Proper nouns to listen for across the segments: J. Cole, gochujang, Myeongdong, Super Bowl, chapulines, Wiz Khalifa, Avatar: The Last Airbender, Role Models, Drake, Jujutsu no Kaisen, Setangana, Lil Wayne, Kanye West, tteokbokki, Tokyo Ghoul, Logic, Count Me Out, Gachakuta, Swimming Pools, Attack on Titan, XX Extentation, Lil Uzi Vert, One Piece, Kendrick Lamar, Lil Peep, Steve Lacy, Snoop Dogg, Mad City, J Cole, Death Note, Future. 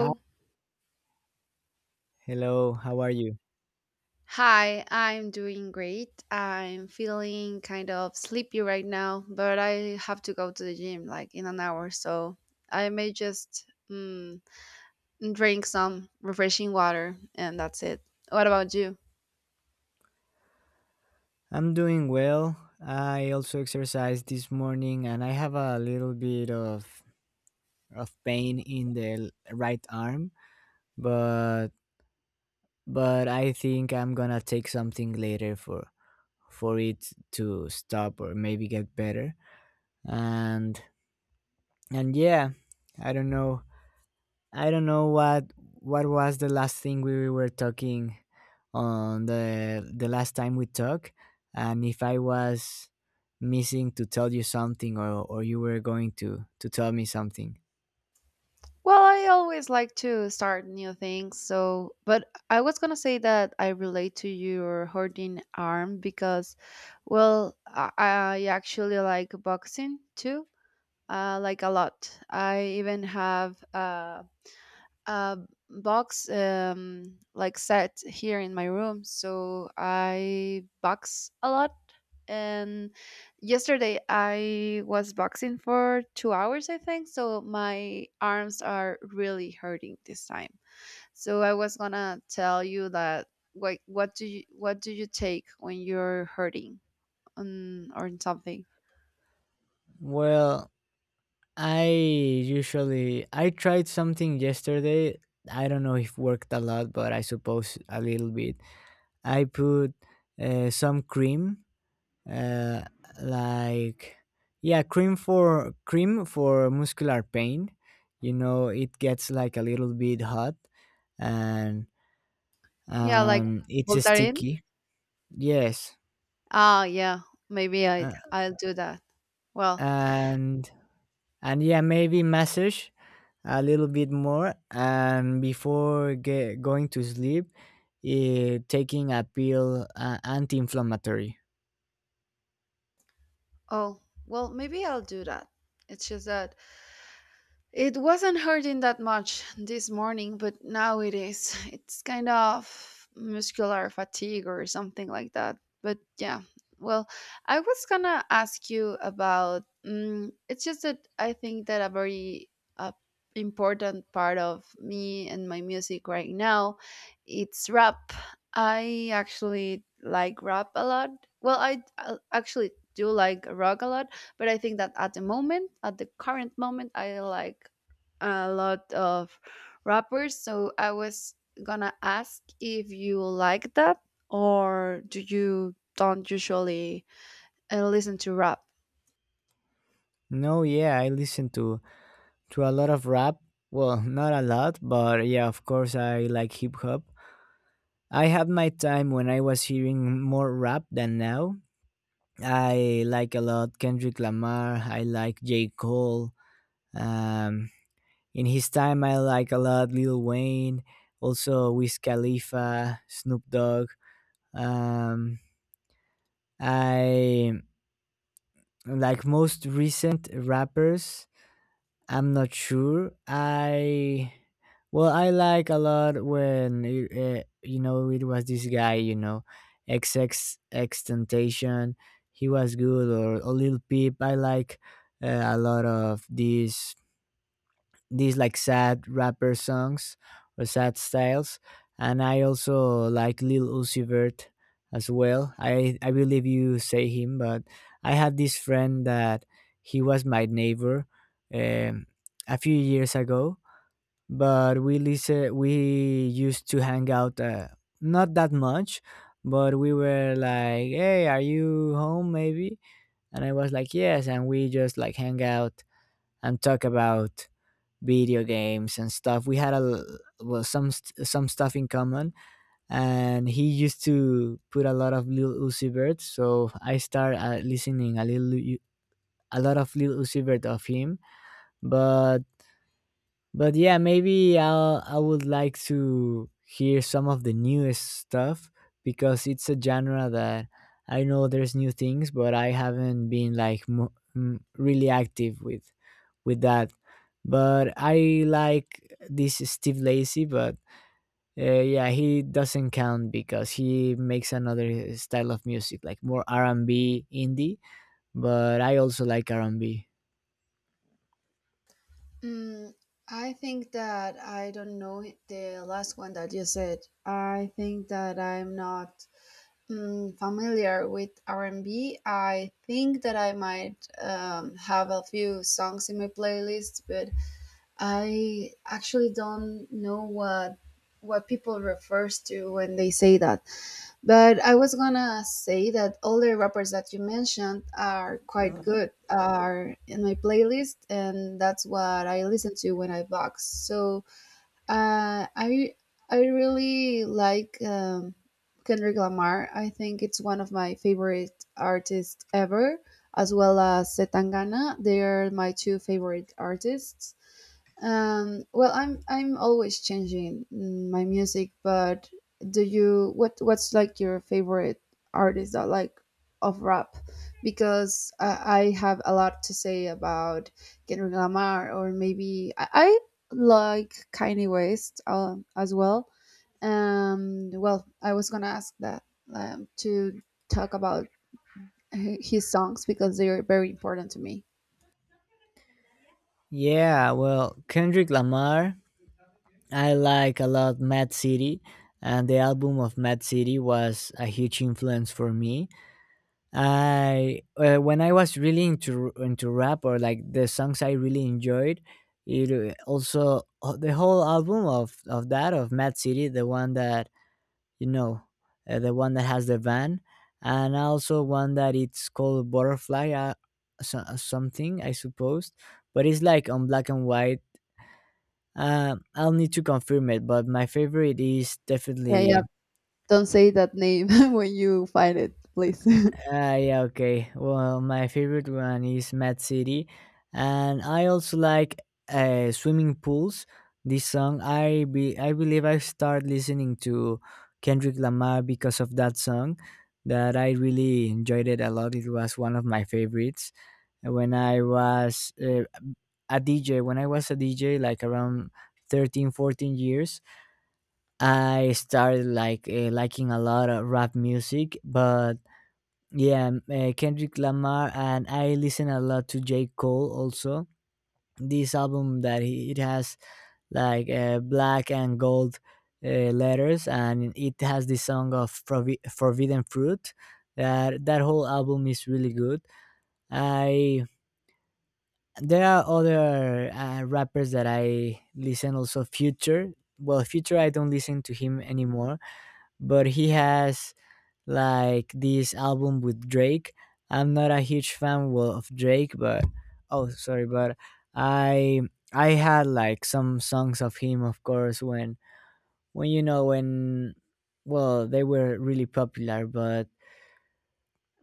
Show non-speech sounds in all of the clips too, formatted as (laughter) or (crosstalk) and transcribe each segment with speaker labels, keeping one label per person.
Speaker 1: Hi, hello, how are you?
Speaker 2: Hi, I'm doing great. I'm feeling kind of sleepy right now, but I have to go to the gym like in an hour, so I may just mm, drink some refreshing water and that's it. What about you?
Speaker 1: I'm doing well. I also exercised this morning and I have a little bit of pain in the right arm, but but I think I'm gonna take something later for it to stop or maybe get better. And and yeah, I don't know. I don't know what was the last thing we were talking on the last time we talked, and if I was missing to tell you something, or you were going to tell me something.
Speaker 2: I always like to start new things, so but I was gonna say that I relate to your hurting arm because, well, I actually like boxing too like a lot. I even have a box like set here in my room, so I box a lot. And yesterday I was boxing for 2 hours, I think. So my arms are really hurting this time. So I was gonna tell you that what do you take when you're hurting on or in something?
Speaker 1: Well, I tried something yesterday. I don't know if worked a lot, but I suppose a little bit. I put some cream, uh, like, yeah, cream for muscular pain. You know, it gets like a little bit hot, and
Speaker 2: Yeah, like
Speaker 1: it's
Speaker 2: Voltaren.
Speaker 1: sticky. Yes,
Speaker 2: Ah, yeah, maybe I
Speaker 1: uh,
Speaker 2: I'll do that. Well,
Speaker 1: and and yeah, maybe massage a little bit more, and before going to sleep, taking a pill, anti-inflammatory.
Speaker 2: oh, well, maybe I'll do that. It's just that it wasn't hurting that much this morning, but now it is. It's kind of muscular fatigue or something like that. But yeah, well, I was gonna ask you about. It's just that I think that a very uh, important part of me and my music right now, it's rap. I actually like rap a lot. Well, I actually do like rock a lot, but I think that at the current moment I like a lot of rappers, so I was gonna ask if you like that or do you don't usually listen to rap.
Speaker 1: No, yeah, I listen to a lot of rap. Well, (laughs) not a lot, but yeah, of course I like hip hop. I had my time when I was hearing more rap than now. I like a lot Kendrick Lamar, I like J. Cole. um in his time I like a lot Lil Wayne, also Wiz Khalifa, Snoop Dogg. Um, I like most recent rappers. I'm not sure. I Well, I like a lot when, you know, it was this guy, you know, XX Extentation. He was good, or Lil Peep. I like a lot of these like sad rapper songs or sad styles. And I also like Lil Uzi Vert as well. I believe you say him, but I had this friend that he was my neighbor um, a few years ago. But we used to hang out, not that much, but we were like, "Hey, are you home? Maybe." And I was like, "Yes," and we just like hang out and talk about video games and stuff. We had a, some some stuff in common, and he used to put a lot of Lil Uzi Vert. So I started listening a little a lot of Lil Uzi Vert of him, but but yeah, maybe I would like to hear some of the newest stuff, because it's a genre that I know there's new things, but I haven't been like really active with that. But I like this Steve Lacy, but yeah, he doesn't count because he makes another style of music, like more R and B indie. But I also like R and B.
Speaker 2: Mm, I think that I don't know the last one that you said. I think that I'm not familiar with R&B. I think that I might have a few songs in my playlist, but I actually don't know what people refers to when they say that. But I was gonna say that all the rappers that you mentioned are quite good, are in my playlist, and that's what I listen to when I box. So uh, I I really like Kendrick Lamar. I think it's one of my favorite artists ever, as well as Setangana. They are my two favorite artists. I'm always changing my music, but do you what what's like your favorite artist that like of rap? Because I have a lot to say about Kendrick Lamar, or maybe I like Kanye West as well. I was gonna ask that to talk about his songs because they are very important to me.
Speaker 1: Yeah, well, Kendrick Lamar, I like a lot Mad City, and the album of Mad City was a huge influence for me. I When I was really into rap, or like the songs I really enjoyed, it also the whole album of Mad City, the one that, you know, the one that has the van, and also one that it's called Butterfly, so, something I suppose, but it's like on black and white. I'll need to confirm it, but my favorite is
Speaker 2: Yeah, yeah.
Speaker 1: definitely.
Speaker 2: Don't say that name (laughs) when you find it, please.
Speaker 1: Yeah, okay. Well, my favorite one is Mad City, and I also like, Swimming Pools. This song, I believe I start listening to Kendrick Lamar because of that song. That I really enjoyed it a lot. It was one of my favorites when I was a DJ. When I was a DJ, like around 13, 14 years, I started like, liking a lot of rap music. But yeah, Kendrick Lamar, and I listen a lot to J. Cole also. This album that he, it has like, black and gold letters, and it has the song of Forbidden Fruit. That whole album is really good. I There are other rappers that I listen also. Future, well, Future I don't listen to him anymore, but he has like this album with Drake. I'm not a huge fan, well, of Drake, but oh, sorry, but I I had like some songs of him, of course, when you know, when well, they were really popular,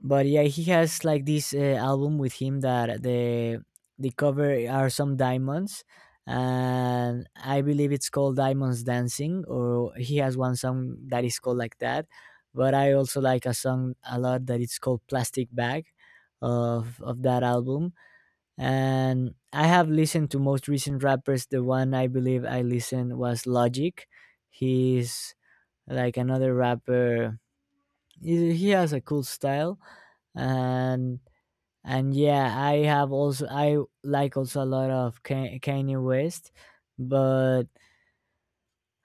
Speaker 1: but yeah, he has like this album with him that the cover are some diamonds, and I believe it's called Diamonds Dancing, or he has one song that is called like that. But I also like a song a lot that it's called Plastic Bag, of that album. And I have listened to most recent rappers. The one I believe I listened was Logic. He's like another rapper, he has a cool style. And and yeah, I have also I like also a lot of Kanye West, but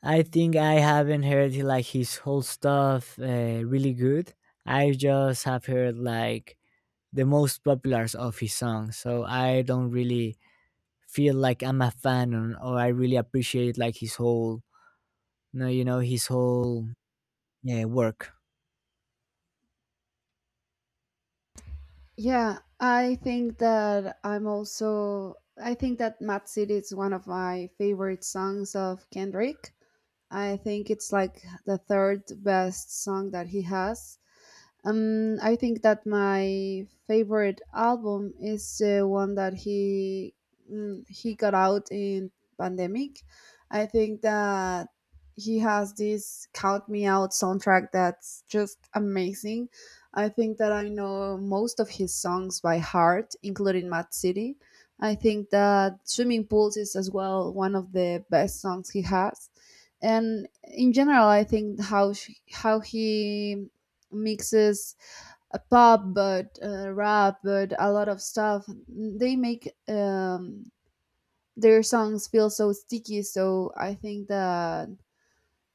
Speaker 1: I think I haven't heard like his whole stuff, really good. I just have heard like the most populars of his songs, so I don't really feel like I'm a fan, or I really appreciate like his whole, no you know, his whole, yeah, work.
Speaker 2: Yeah, I think that I think that Mad City is one of my favorite songs of Kendrick. I think it's like the third best song that he has. I think that my favorite album is the one that he he got out in pandemic. I think that he has this "Count Me Out" soundtrack that's just amazing. I think that I know most of his songs by heart, including Mad City. I think that "Swimming Pools" is as well one of the best songs he has, and in general I think how he mixes a pop but rap but a lot of stuff, they make their songs feel so sticky. So I think that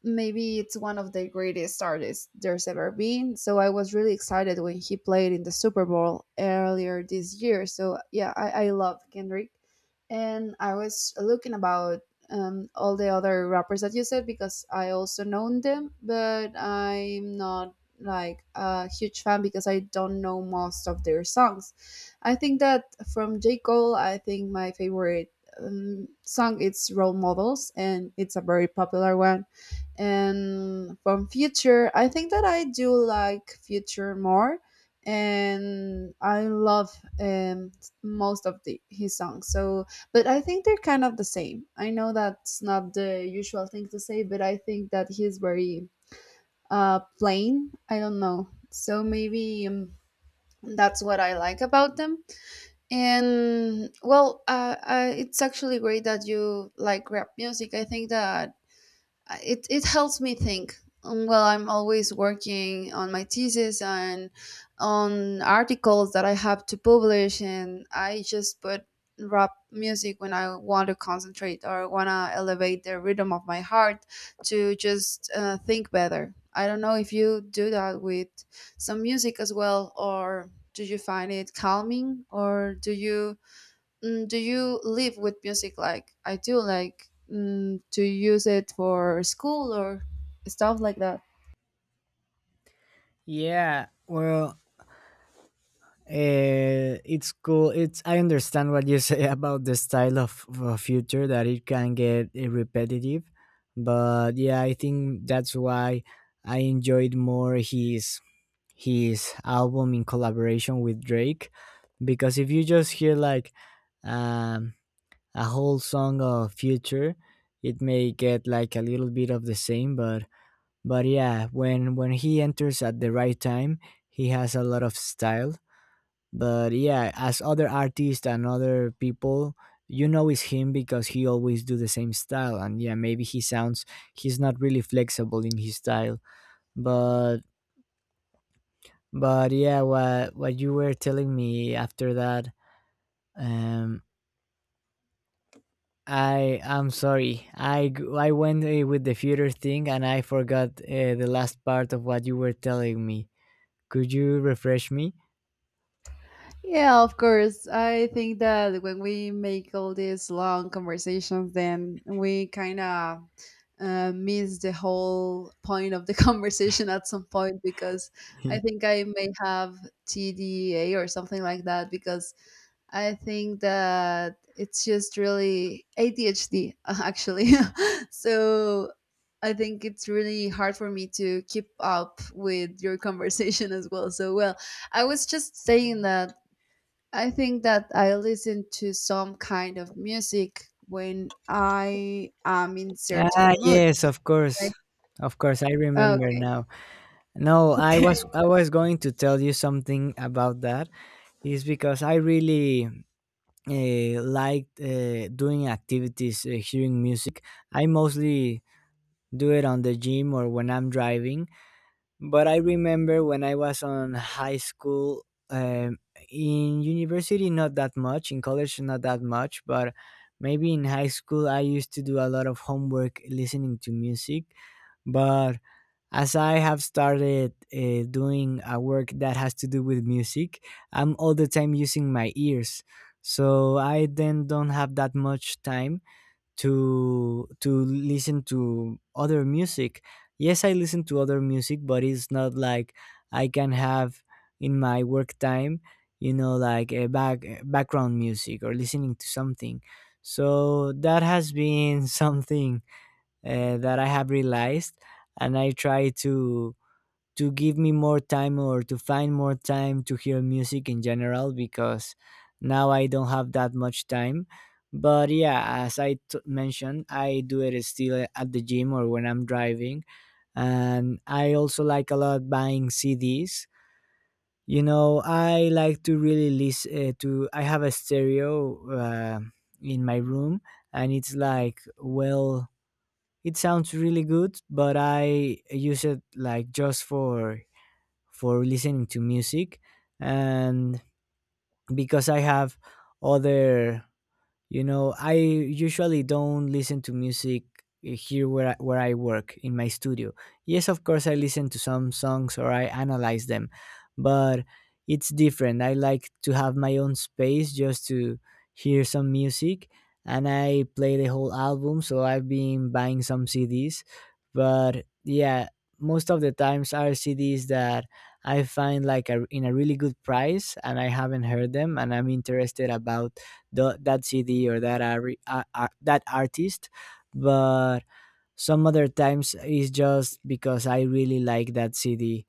Speaker 2: maybe it's one of the greatest artists there's ever been. So I was really excited when he played in the Super Bowl earlier this year. So yeah, I love Kendrick. And I was looking about all the other rappers that you said, because I also know them, but I'm not like a huge fan because I don't know most of their songs. I think that from J. Cole, I think my favorite song is Role Models and it's a very popular one. And from Future, I think that I do like Future more, and I love most of the his songs. So but I think they're kind of the same. I know that's not the usual thing to say, but I think that he's very plain, I don't know. So maybe that's what I like about them. And well, it's actually great that you like rap music. I think that it it helps me think. Well, I'm always working on my thesis and on articles that I have to publish, and I just put rap music when I want to concentrate or want to elevate the rhythm of my heart to just think better. I don't know if you do that with some music as well, or do you find it calming, or do you— Mm, do you live with music like I do? Like to use it for school or stuff like that?
Speaker 1: yeah well it's cool. It's I understand what you say (laughs) about the style of Future, that it can get repetitive, but yeah, I think that's why I enjoyed more his album in collaboration with Drake. Because if you just hear like, um, a whole song of Future, it may get like a little bit of the same, but yeah, when he enters at the right time, he has a lot of style. But yeah, as other artists and other people, you know, it's him because he always do the same style, and yeah, maybe he sounds, he's not really flexible in his style, but but yeah, what you were telling me after that, um I'm sorry, I went, with the future thing, and I forgot, the last part of what you were telling me. Could you refresh me?
Speaker 2: Yeah, of course. I think that when we make all these long conversations, then we kind of miss the whole point of the (laughs) conversation at some point. Because I
Speaker 1: (laughs)
Speaker 2: think I may have TDA or something like that, because I think that it's just really ADHD, actually. (laughs) So I think it's really hard for me to keep up with your (laughs) conversation as well. So, well, I was just saying that I think that I listen to some kind of music when I am in
Speaker 1: Yeah.
Speaker 2: certain mood.
Speaker 1: Yes, of course, of course, I
Speaker 2: Like,
Speaker 1: remember now. No,
Speaker 2: okay. (laughs)
Speaker 1: I was going to tell you something about that. Is because I really, like, doing activities, hearing music. I mostly do it on the gym or when I'm driving. But I remember when I was on high school, in university not that much, in college not that much, but maybe in high school I used to do a lot of homework listening to music. But as I have started, doing a work that has to do with music, I'm all the time using my ears. So I then don't have that much time to listen to other music. Yes, I listen to other music, but it's not like I can have in my work time, you know, like a background music or listening to something. So that has been (laughs) something, that I have realized, and I try to give me more time, or to find more time to hear music in general, because now I don't have that much time. But yeah, as I mentioned, I do it still at the gym or when I'm driving. And I also like a lot buying CDs. You know, I like to really listen, to. I have a stereo, in my room, and it's like, well, it sounds really good, but I use it like just for listening to music. And because I have other You know, I usually don't listen to music here where where I work in my studio. Yes, of course, I listen to some songs or I analyze them, but it's different. I like to have my own space just to hear some music, and I play the whole album. So I've been buying some CDs, but yeah, most of the times are CDs that I find like in a really good price, and I haven't heard them, and I'm interested about that CD or that that artist. But some other times it's just because I really like that CD.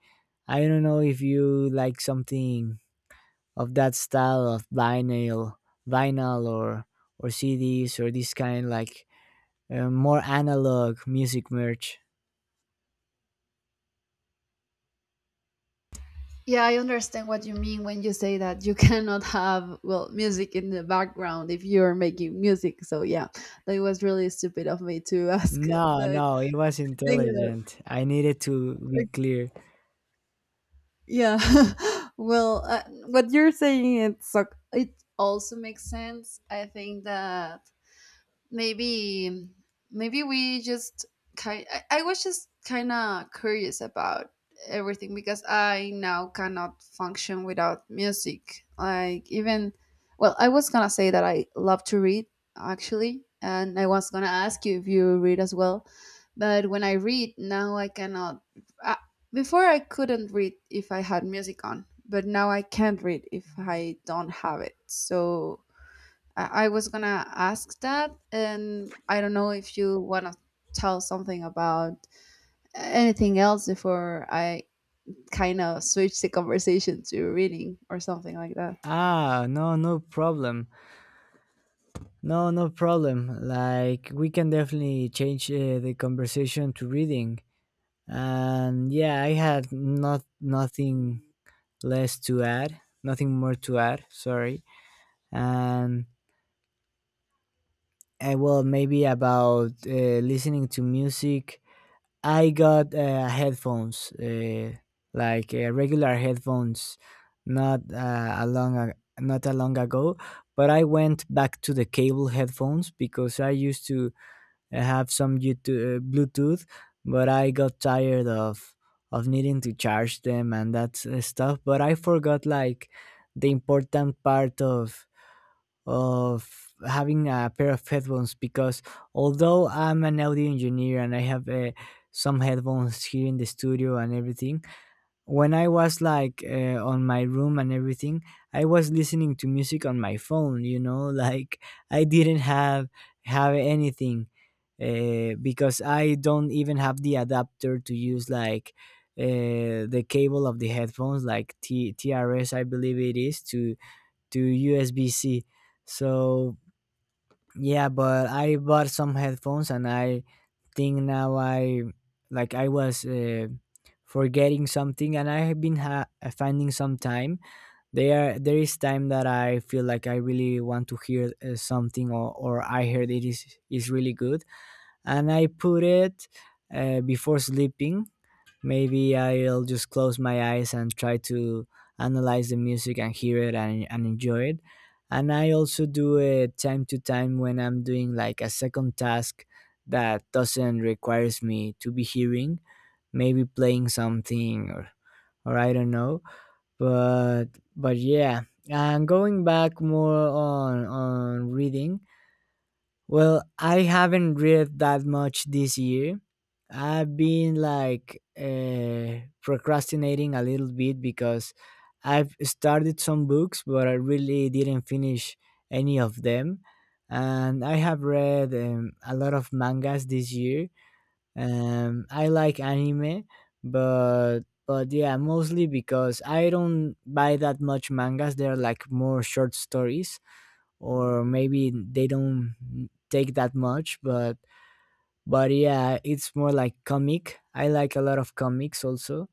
Speaker 1: I don't know if you like something of that style of vinyl, vinyl or or CDs, or this kind like, more analog music merch.
Speaker 2: Yeah, I understand what you mean when you say that you (laughs) cannot have well music in the background if you're making music. So yeah, that was really stupid of me to (laughs) ask.
Speaker 1: No,
Speaker 2: But
Speaker 1: no, it was
Speaker 2: thinking about-
Speaker 1: intelligent. I needed to be
Speaker 2: like,
Speaker 1: clear.
Speaker 2: yeah, (laughs) well, what you're saying it also makes sense. I think that maybe maybe we just kind I was just kind of curious about everything, because I now cannot function without music. Like even— well, I was going to say that I love to read actually, and I was going to ask you if you read as well. But when I read now I cannot— I, before I couldn't read if I had music on, but now I can't read if I don't have it. So I was gonna ask that, and I don't know if you wanna tell something about anything else before I kind of switch the conversation to reading or something like that.
Speaker 1: Ah, no, no problem. No, no problem. Like, we can definitely change, the conversation to reading. And yeah, I had nothing less to add, nothing more to add. Sorry. And well, maybe about, listening to music. I got, headphones, like, regular headphones, not, not a long ago. But I went back to the cable headphones, because I used to, I have some YouTube, Bluetooth, but I got tired of needing to charge them and stuff. But I forgot like the important part of of having a pair of headphones. Because although I'm an audio engineer and I have some headphones here in the studio and everything, when I was like on my room and everything, I was listening to music on my phone. You know, (laughs) like I didn't have anything, because I don't even have the adapter to use like the cable of the headphones, like TRS, I believe it is, to USB-C. So yeah, but I bought some headphones, and I think now I, like, I was forgetting something, and I have been finding some time. There is time that I feel like I really want to hear something, or I heard it is really good, and I put it before sleeping. Maybe I'll just close my eyes and try to analyze the music and hear it and enjoy it. And I also do it time to time when I'm doing like a second task that doesn't requires me to be hearing, maybe playing something or I don't know. But yeah, and going back more on reading, well, I haven't read that much this year. I've been like procrastinating a little bit because I've started some books, but I really didn't finish any of them. And I have read a lot of mangas this year. I like anime, but yeah, mostly because I don't buy that much mangas. They're like more short stories, or maybe they don't take that much, but yeah, it's more like comic. I like a lot of comics also.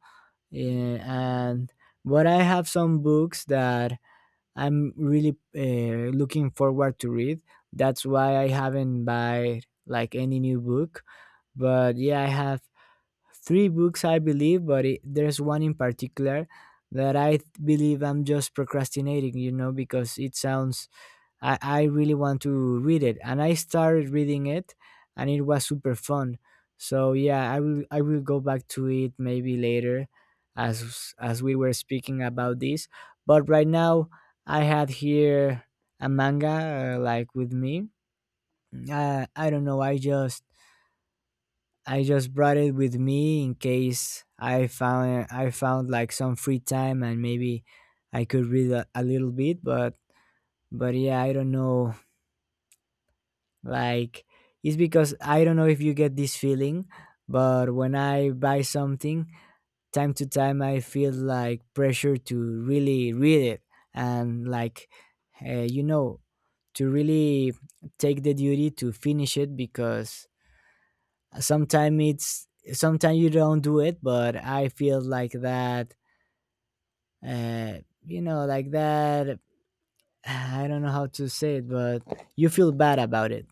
Speaker 1: Yeah, and but I have some books that I'm really looking forward to read. That's why I haven't buy like any new book, but yeah, I have three books, I believe. But it, there's one in particular that believe I'm just procrastinating, because it sounds, I really want to read it. And I started reading it and it was super fun. So yeah, I will go back to it maybe later, as we were speaking about this. But right now I had here a manga, like, with me. I don't know, I just brought it with me in case I found like some free time and maybe I could read a little bit. But yeah, I don't know. Like, it's because I don't know if you get this feeling, but when I buy something, time to time I feel like pressure to really read it, and like, uh, you know to really take the duty to finish it, because sometimes it's sometimes you don't do it. But I feel like that, like that, (sighs) I don't know how to say it, but you feel bad about it.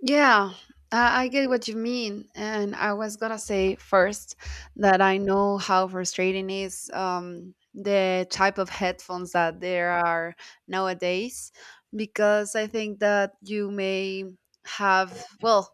Speaker 2: Yeah, I get what you mean. And I was gonna say first that I know how frustrating is the type of headphones that there are nowadays, because I think that you may have, well,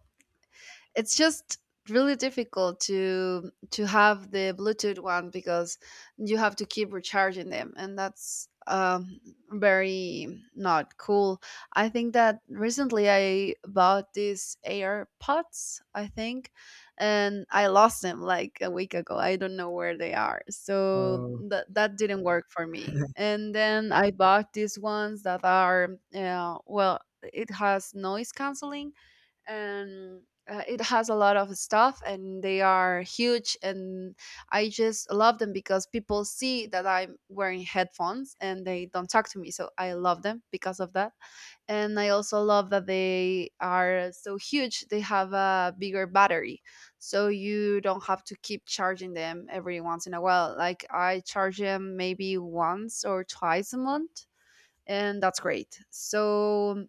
Speaker 2: it's just really difficult to have the bluetooth one because you have to keep recharging them, and that's very not cool. I think that recently I bought these AirPods, I think, and I lost them like a week ago, I don't know where they are, so
Speaker 1: Oh.
Speaker 2: that that didn't work for me. And then I bought these ones that are well, it has noise canceling and it has a lot of stuff, and they are huge. And I just love them because people see that I'm wearing headphones and they don't talk to me, so I love them because of that. And I also love that they are so huge, they have a bigger battery, so you don't have to keep charging them every once in a while. Like I charge them maybe once or twice a month, and that's great. So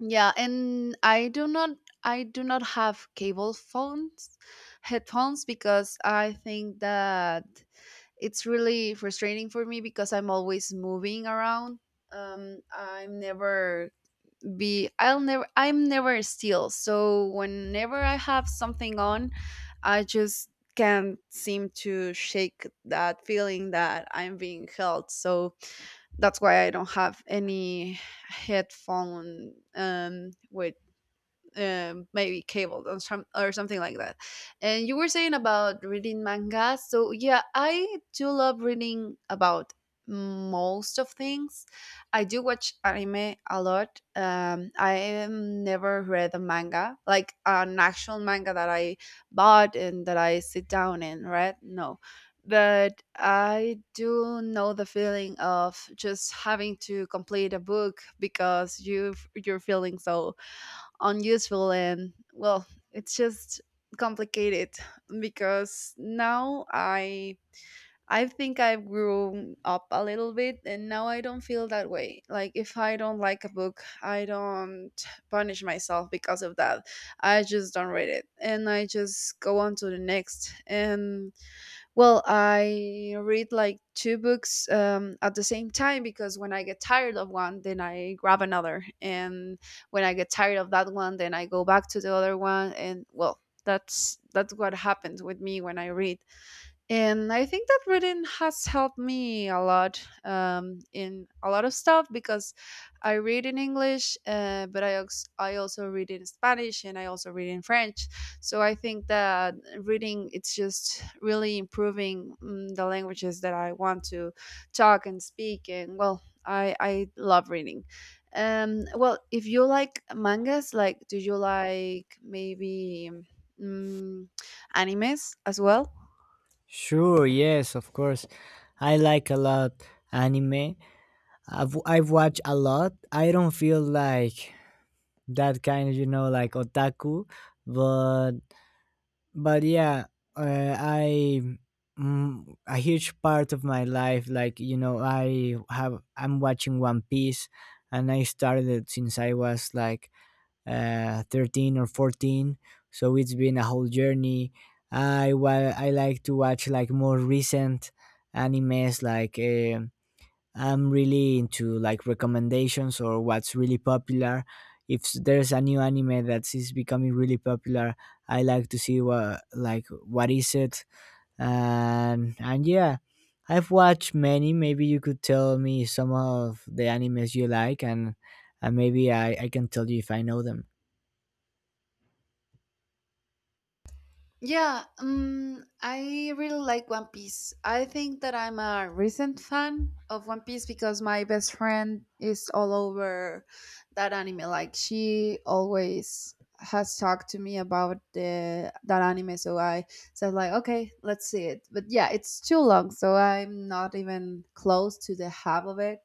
Speaker 2: yeah, and I do not have cable phones headphones, because I think that it's really frustrating for me because I'm always moving around. I'm never be I'll never I'm never still. So whenever I have something on, I just can't seem to shake that feeling that I'm being held. So that's why I don't have any headphone with maybe cable or, some, or something like that. And you were saying about reading manga. So yeah, I do love reading about most of things. I do watch anime a lot. I have never read a manga, like an actual manga that I bought and that I sit down and read. No. But I do know the feeling of just having to complete a book because you're feeling so unuseful, and well it's just complicated. Because now I think I've grown up a little bit, and now I don't feel that way. Like if I don't like a book, I don't punish myself because of that. I just don't read it and I just go on to the next. And well, I read like two books at the same time, because when I get tired of one, then I grab another. And when I get tired of that one, then I go back to the other one. And well, that's what happens with me when I read. And I think that reading has helped me a lot in a lot of stuff, because I read in English, but I also read in Spanish and I also read in French. So I think that reading it's just really improving the languages that I want to talk and speak. And well, I love reading. Well, if you like mangas, like do you like maybe mm, animes as well?
Speaker 1: Sure, yes, of course. I like a lot anime. I've watched a lot. I don't feel like that kind of, you know, like otaku, but yeah, uh, I, mm, a huge part of my life, like, you know, I'm watching One Piece, and I started since I was like 13 or 14, so it's been a whole journey. I like to watch like more recent animes, like, I'm really into like recommendations or what's really popular. If there's a new anime that is becoming really popular, I like to see what, like, what is it. And yeah, I've watched many. Maybe you could tell me some of the animes you like, and maybe I can tell you if I know them.
Speaker 2: Yeah, I really like One Piece. I think that I'm a recent fan of One Piece because my best friend is all over that anime. Like she always has talked to me about the that anime, so I said like, okay, let's see it. But yeah, it's too long, so I'm not even close to the half of it,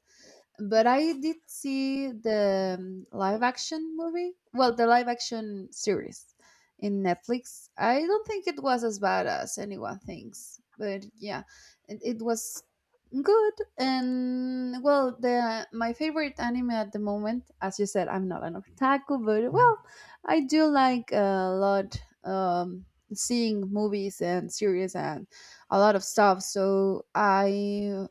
Speaker 2: but I did see the live action movie. Well, the live action series in Netflix. I don't think it was as bad as anyone thinks, but yeah, it was good. And well, the my favorite anime at the moment, as you said, I'm not an otaku, but well, I do like a lot seeing movies and series and a lot of stuff. So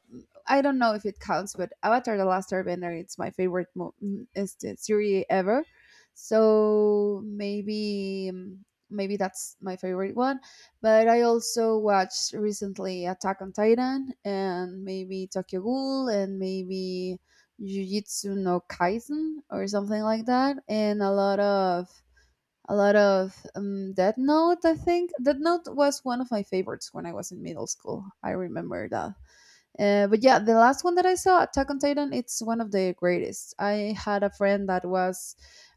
Speaker 2: I don't know if it counts, but Avatar: The Last Airbender it's my favorite is the series ever. So maybe maybe that's my favorite one. But I also watched recently Attack on Titan and maybe Tokyo Ghoul and maybe Jujutsu no Kaisen or something like that, and a lot of Death Note. I think Death Note was one of my favorites when I was in middle school. I remember that. But yeah, the last one that I saw, Attack on Titan, it's one of the greatest. I had a friend that was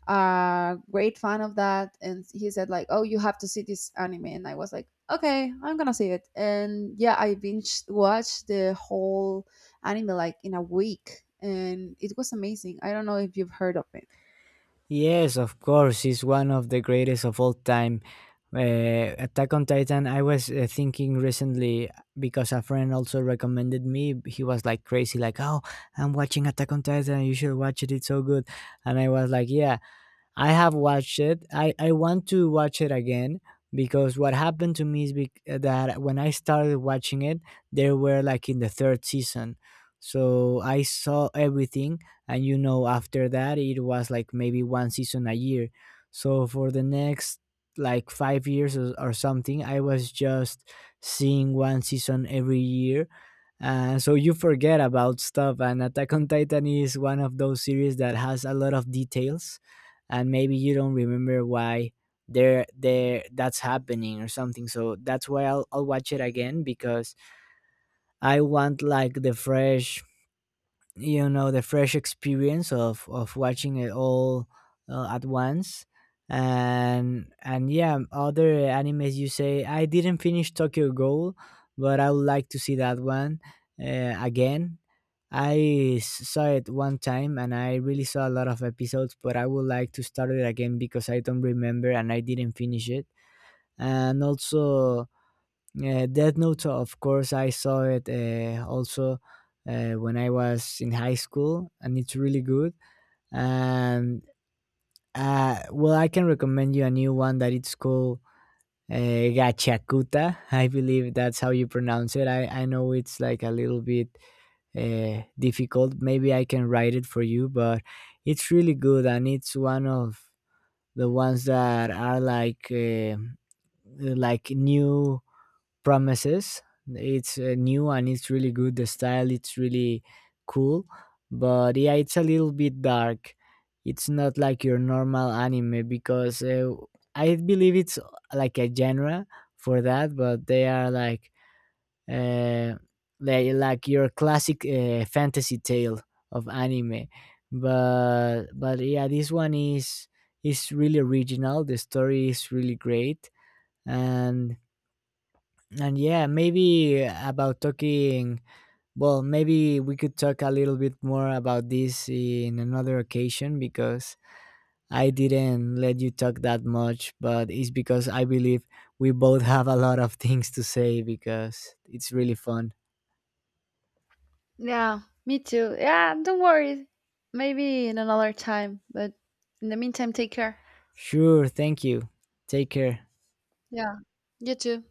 Speaker 2: a great fan of that, and he said like, "Oh, you have to see this anime," and I was like, "Okay, I'm gonna see it." And yeah, I binge watched the whole anime like in a week, and it was amazing. I don't know if you've heard of it.
Speaker 1: Yes, of course, it's one of the greatest of all time. Attack on Titan, I was thinking recently because a friend also recommended me. He was like crazy, like, "Oh, I'm watching Attack on Titan, you should watch it, it's so good." And I was like, "Yeah." I have watched it. I want to watch it again, because what happened to me is that when I started watching it, they were like in the third season. So I saw everything. And you know, after that, it was like maybe one season a year. So for the next like 5 years or something, I was just seeing one season every year. So you forget about stuff, and Attack on Titan is one of those series that has a lot of details, and maybe you don't remember why there there that's happening or something. So that's why I'll watch it again, because I want like the fresh, you know, the fresh experience of watching it all at once. And yeah, other animes you say, I didn't finish Tokyo Ghoul, but I would like to see that one again. Saw it one time, and I really saw a lot of episodes, but I would like to start it again because I don't remember and I didn't finish it. And also, yeah, Death Note, of course, I saw it also when I was in high school, and it's really good. And well, I can recommend you a new one that it's called Gachakuta. (laughs) I believe that's how you pronounce it. I know it's like a little bit difficult. Maybe I can write it for you, but it's really good, and it's one of the ones that are like new promises. It's new and it's really good. The style it's really cool, but yeah, it's a little bit dark. It's not like your normal anime because I believe it's like a genre for that, but they are like uh, they like your classic fantasy tale of anime. But yeah, this one is really original. The story is really great, and and yeah, maybe about talking, well, maybe we could talk a little bit more about this in another occasion, because I didn't let you talk that much, but it's because I believe we both have a lot of things to say, because it's really fun.
Speaker 2: Yeah, me too. Yeah, don't worry. Maybe in another time, but in the meantime, take care.
Speaker 1: Sure, thank you. Take care.
Speaker 2: Yeah, you too.